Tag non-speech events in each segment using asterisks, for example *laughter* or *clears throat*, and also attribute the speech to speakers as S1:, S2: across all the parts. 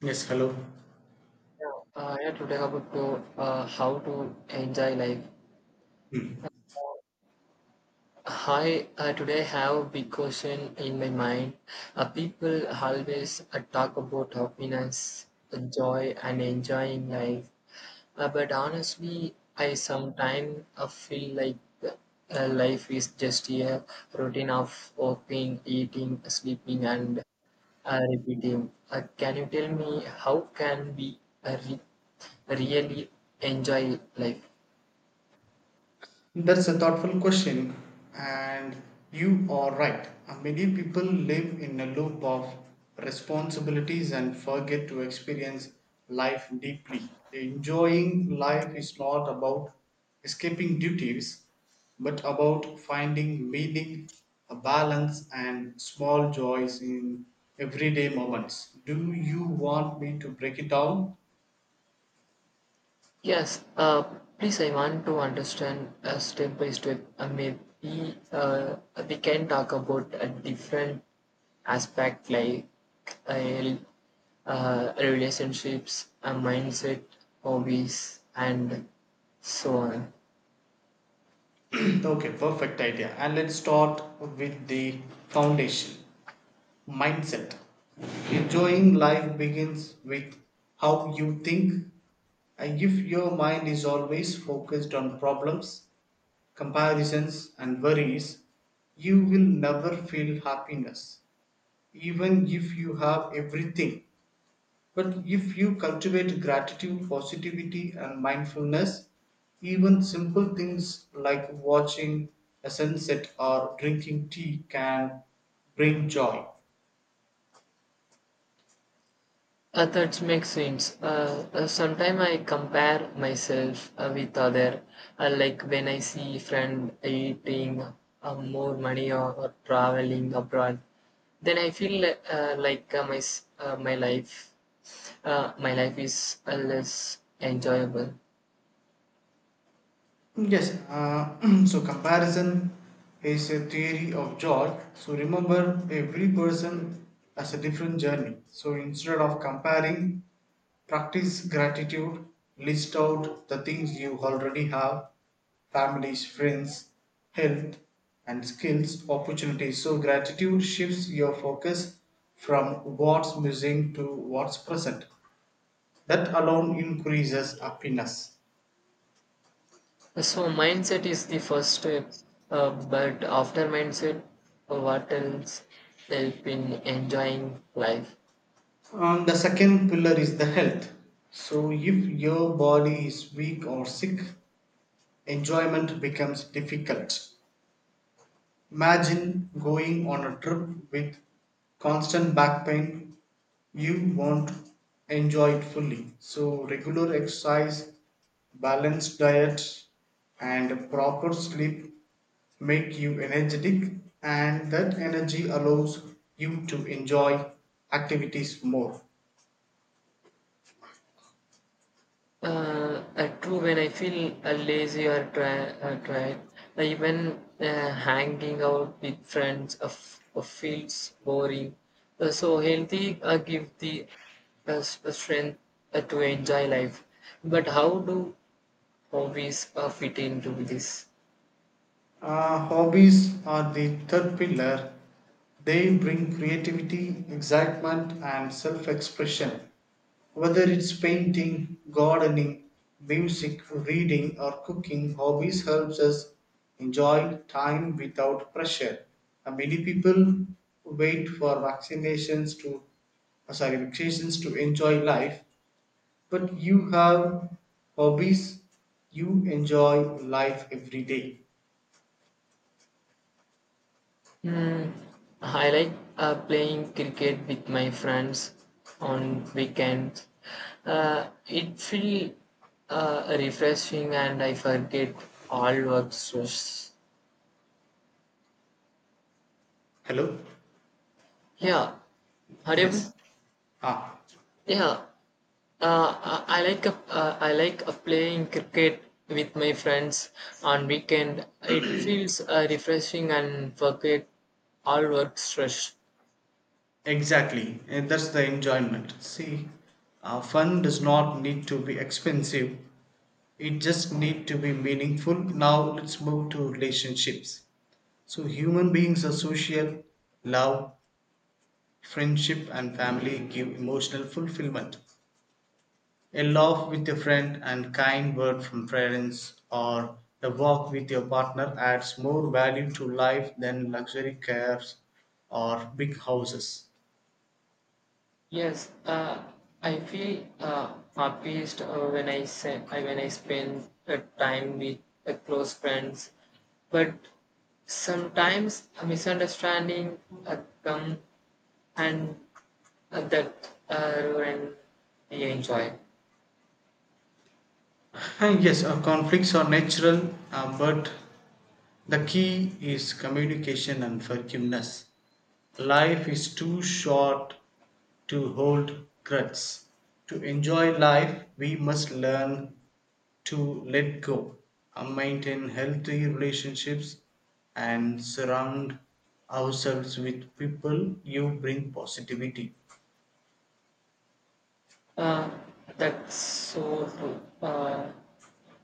S1: Yes, hello.
S2: Yeah, yeah, today about to how to enjoy life.
S1: Hmm.
S2: Hi, today I have a big question in my mind. People always talk about happiness, joy, and enjoying life. But honestly, I sometimes feel like life is just a routine of working, eating, sleeping, and repeating. Can you tell me how can we uh, re- really enjoy life?
S1: That's a thoughtful question, and you are right. Many people live in a loop of responsibilities and forget to experience life deeply. Enjoying life is not about escaping duties, but about finding meaning, a balance, and small joys in everyday moments. Do you want me to break it down?
S2: Yes, please, I want to understand step by step. Maybe we can talk about a different aspect like uh, relationships, mindset, hobbies, and so on.
S1: Okay, perfect idea. And let's start with the foundation mindset. Enjoying life begins with how you think. And if your mind is always focused on problems, comparisons, and worries, you will never feel happiness, even if you have everything but if you cultivate gratitude, positivity, and mindfulness, even simple things like watching a sunset or drinking tea can bring joy.
S2: That makes sense. Sometimes I compare myself with other, like when I see friend eating more money or traveling abroad. Then I feel like my life is less enjoyable.
S1: Yes, *clears throat* so comparison is a theory of joy. So remember, every person has a different journey. So instead of comparing, practice gratitude, list out the things you already have families, friends, health, and skills, opportunities. So gratitude shifts your focus from what's missing to what's present. That alone increases happiness.
S2: So mindset is the first step, uh, but after mindset, what else help in enjoying life?
S1: And the second pillar is the health. So, if your body is weak or sick, enjoyment becomes difficult. Imagine going on a trip with constant back pain, you won't enjoy it fully. So, regular exercise, balanced diet, and proper sleep make you energetic, and that energy allows you to enjoy activities more.
S2: True, when I feel lazy or dry, tired, even hanging out with friends feels boring. So healthy give the strength to enjoy life. But how do hobbies fit into this?
S1: Hobbies are the third pillar. They bring creativity, excitement, and self expression. Whether it's painting, gardening, music, reading, or cooking, hobbies helps us enjoy time without pressure. Many people wait for vaccinations to sorry vacations to enjoy life, but you have hobbies, you enjoy life every day.
S2: Mm, I like playing cricket with my friends on weekends. It feels refreshing and I forget all work stress.
S1: Hello.
S2: Yeah,
S1: Yes.
S2: audible?
S1: Ah,
S2: Yeah, I like I like playing cricket with my friends on weekend. It feels refreshing and forget all work stress.
S1: exactly. And that's the enjoyment. See, fun does not need to be expensive. It just need to be meaningful. Now let's move to relationships. So human beings are social. Love, friendship, and family give emotional fulfillment. A laugh with a friend and kind word from parents or a walk with your partner adds more value to life than luxury cars or big houses.
S2: Yes, I feel happiest when I spend time with close friends. But sometimes a misunderstanding uh, come and that ruin the enjoy.
S1: And yes, conflicts are natural, but the key is communication and forgiveness. Life is too short to hold grudges. To enjoy life, we must learn to let go, maintain healthy relationships, and surround ourselves with people who bring positivity.
S2: Uh, that's so true. Uh,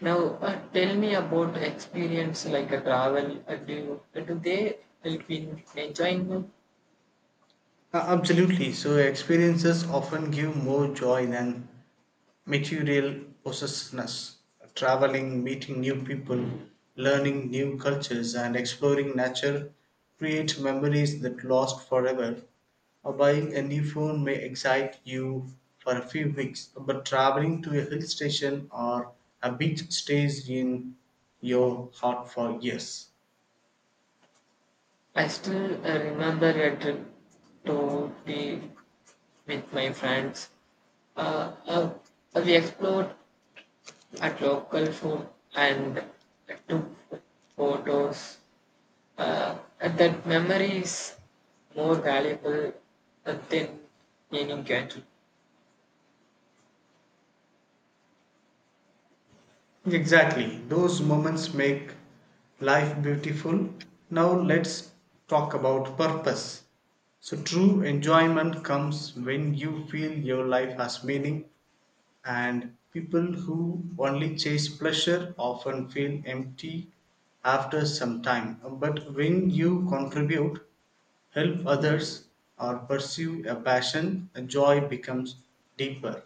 S2: now, uh, tell me about experience like a travel. Do they help in enjoying?
S1: Absolutely. So, experiences often give more joy than material possessiveness, traveling, meeting new people, learning new cultures, and exploring nature create memories that last forever. Buying a new phone may excite you for a few weeks, but traveling to a hill station or a beach stays in your heart for years.
S2: I still remember a trip to be with my friends. Uh, uh, we explored at local food and took photos. That memory is more valuable than any gadget.
S1: Exactly. Those moments make life beautiful. Now let's talk about purpose. So, true enjoyment comes when you feel your life has meaning, and people who only chase pleasure often feel empty after some time. But when you contribute, help others, or pursue a passion, joy becomes deeper.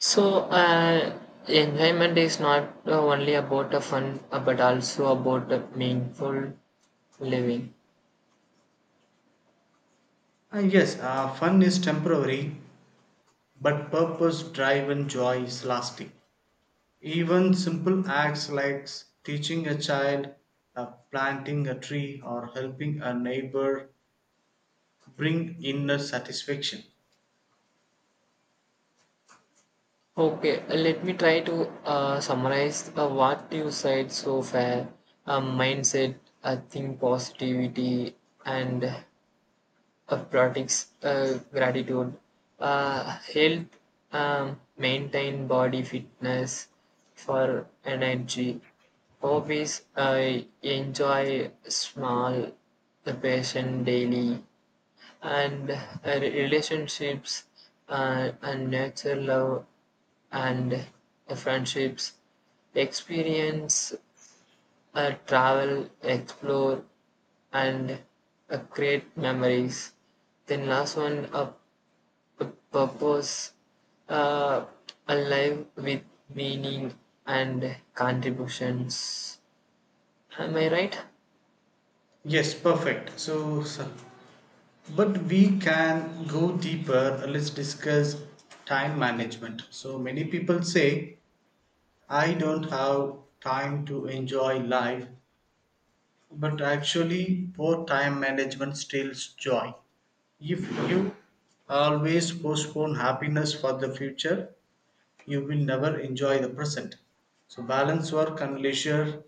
S2: So, enjoyment is not only about the fun, but also about the meaningful living.
S1: Ah, yes, fun is temporary, But purpose, drive, and joy is lasting. Even simple acts like teaching a child, planting a tree, or helping a neighbor bring inner satisfaction.
S2: Okay, let me try to summarize what you said so far. Mindset, I think positivity, and products, gratitude, uh, health, maintain body fitness for energy, hobbies, I enjoy small, the patient daily, and relationships and nature love and friendships experience travel explore and create memories, then last one a p- purpose uh, alive with meaning and contributions. Am I right?
S1: Yes, perfect. But we can go deeper. Let's discuss time management. So, many people say, I don't have time to enjoy life, But actually, poor time management steals joy. If you always postpone happiness for the future, you will never enjoy the present. So, balance work and leisure,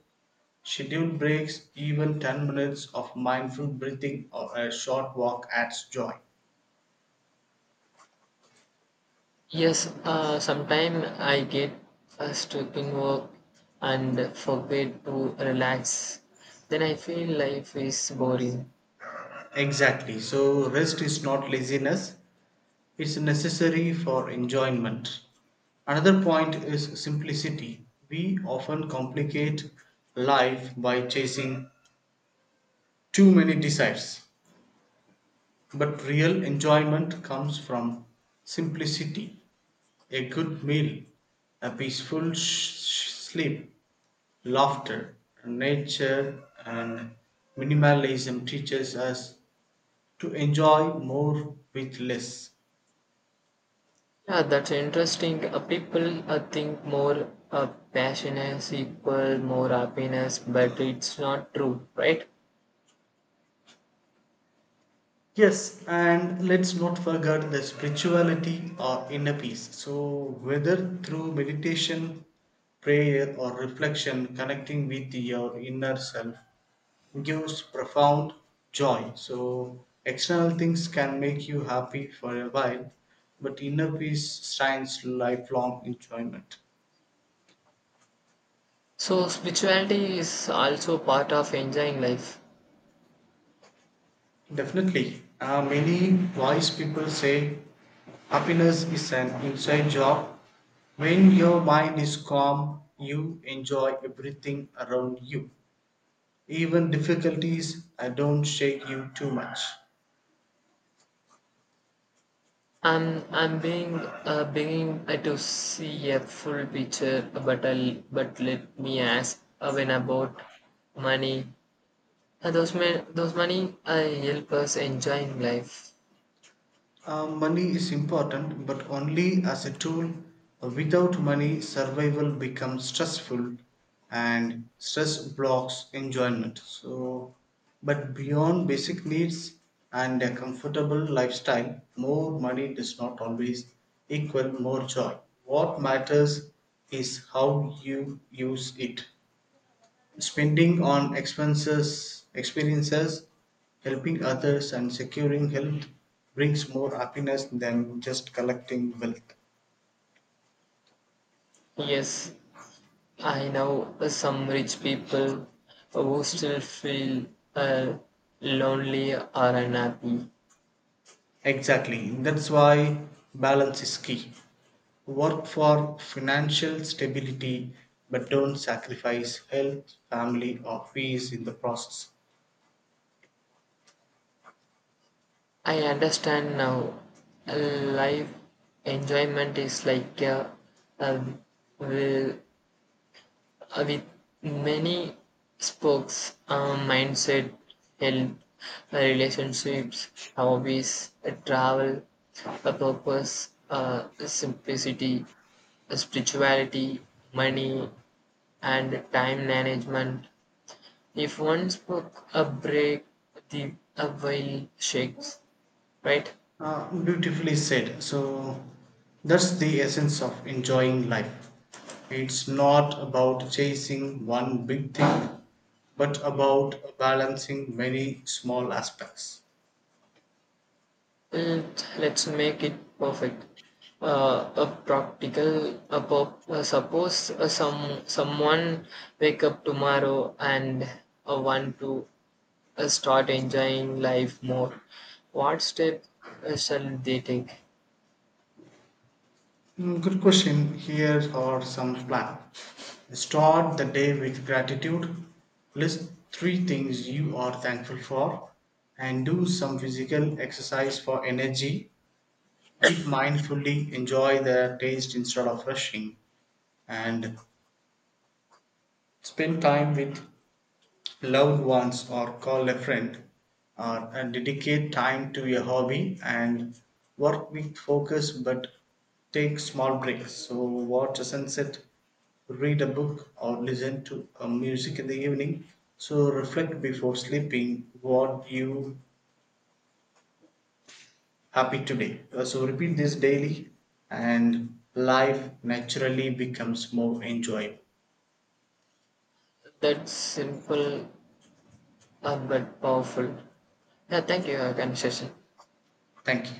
S1: schedule breaks, even 10 minutes of mindful breathing or a short walk adds joy.
S2: Yes, sometimes I get stuck in work and forget to relax. Then I feel life is boring.
S1: Exactly. So, rest is not laziness, is necessary for enjoyment. Another point is simplicity. We often complicate life by chasing too many desires, but real enjoyment comes from simplicity. A good meal, a peaceful sleep, laughter, nature, and minimalism teaches us to enjoy more with less.
S2: Yeah, that's interesting. People think more passion is equal more happiness, but it's not true, right?
S1: Yes, and let's not forget the spirituality or inner peace. So, whether through meditation, prayer, or reflection, connecting with your inner self gives profound joy. So, external things can make you happy for a while, but inner peace shines lifelong enjoyment.
S2: So spirituality is also part of enjoying life.
S1: Definitely. Many wise people say happiness is an inside job. When your mind is calm, you enjoy everything around you. Even difficulties don't shake you too much.
S2: I'm being beginning to see a full picture, but let me ask when about money. Those men, those money help us enjoying life.
S1: Money is important, but only as a tool. Without money, survival becomes stressful and stress blocks enjoyment. So, but beyond basic needs and a comfortable lifestyle, more money does not always equal more joy. What matters is how you use it. Spending on expenses, experiences, helping others, and securing health brings more happiness than just collecting wealth.
S2: Yes, I know some rich people who still feel uh, lonely or unhappy.
S1: Exactly. That's why balance is key. Work for financial stability, but don't sacrifice health, family, or peace in the process.
S2: I understand now. uh, Life enjoyment is like a will with many spokes, mindset, health, relationships, hobbies, travel, a purpose, simplicity, spirituality, money, and time management. If one spoke a break, the a while shakes, right?
S1: Beautifully said. So that's the essence of enjoying life. It's not about chasing one big thing, but about balancing many small aspects.
S2: Mm, let's make it perfect. A practical, a pop, Suppose someone wake up tomorrow and want to start enjoying life more. What step shall they take?
S1: Mm, Good question. Here are some plan. Start the day with gratitude. List three things you are thankful for and do some physical exercise for energy. Eat mindfully, enjoy the taste instead of rushing, and Spend time with loved ones or call a friend, or dedicate time to a hobby and work with focus but take small breaks. So, watch a sunset, read a book, or listen to music in the evening. So, reflect before sleeping what you happy today. So, repeat this daily, and life naturally becomes more enjoyable.
S2: That's simple but powerful. Yeah, thank you, conversation.
S1: Thank you.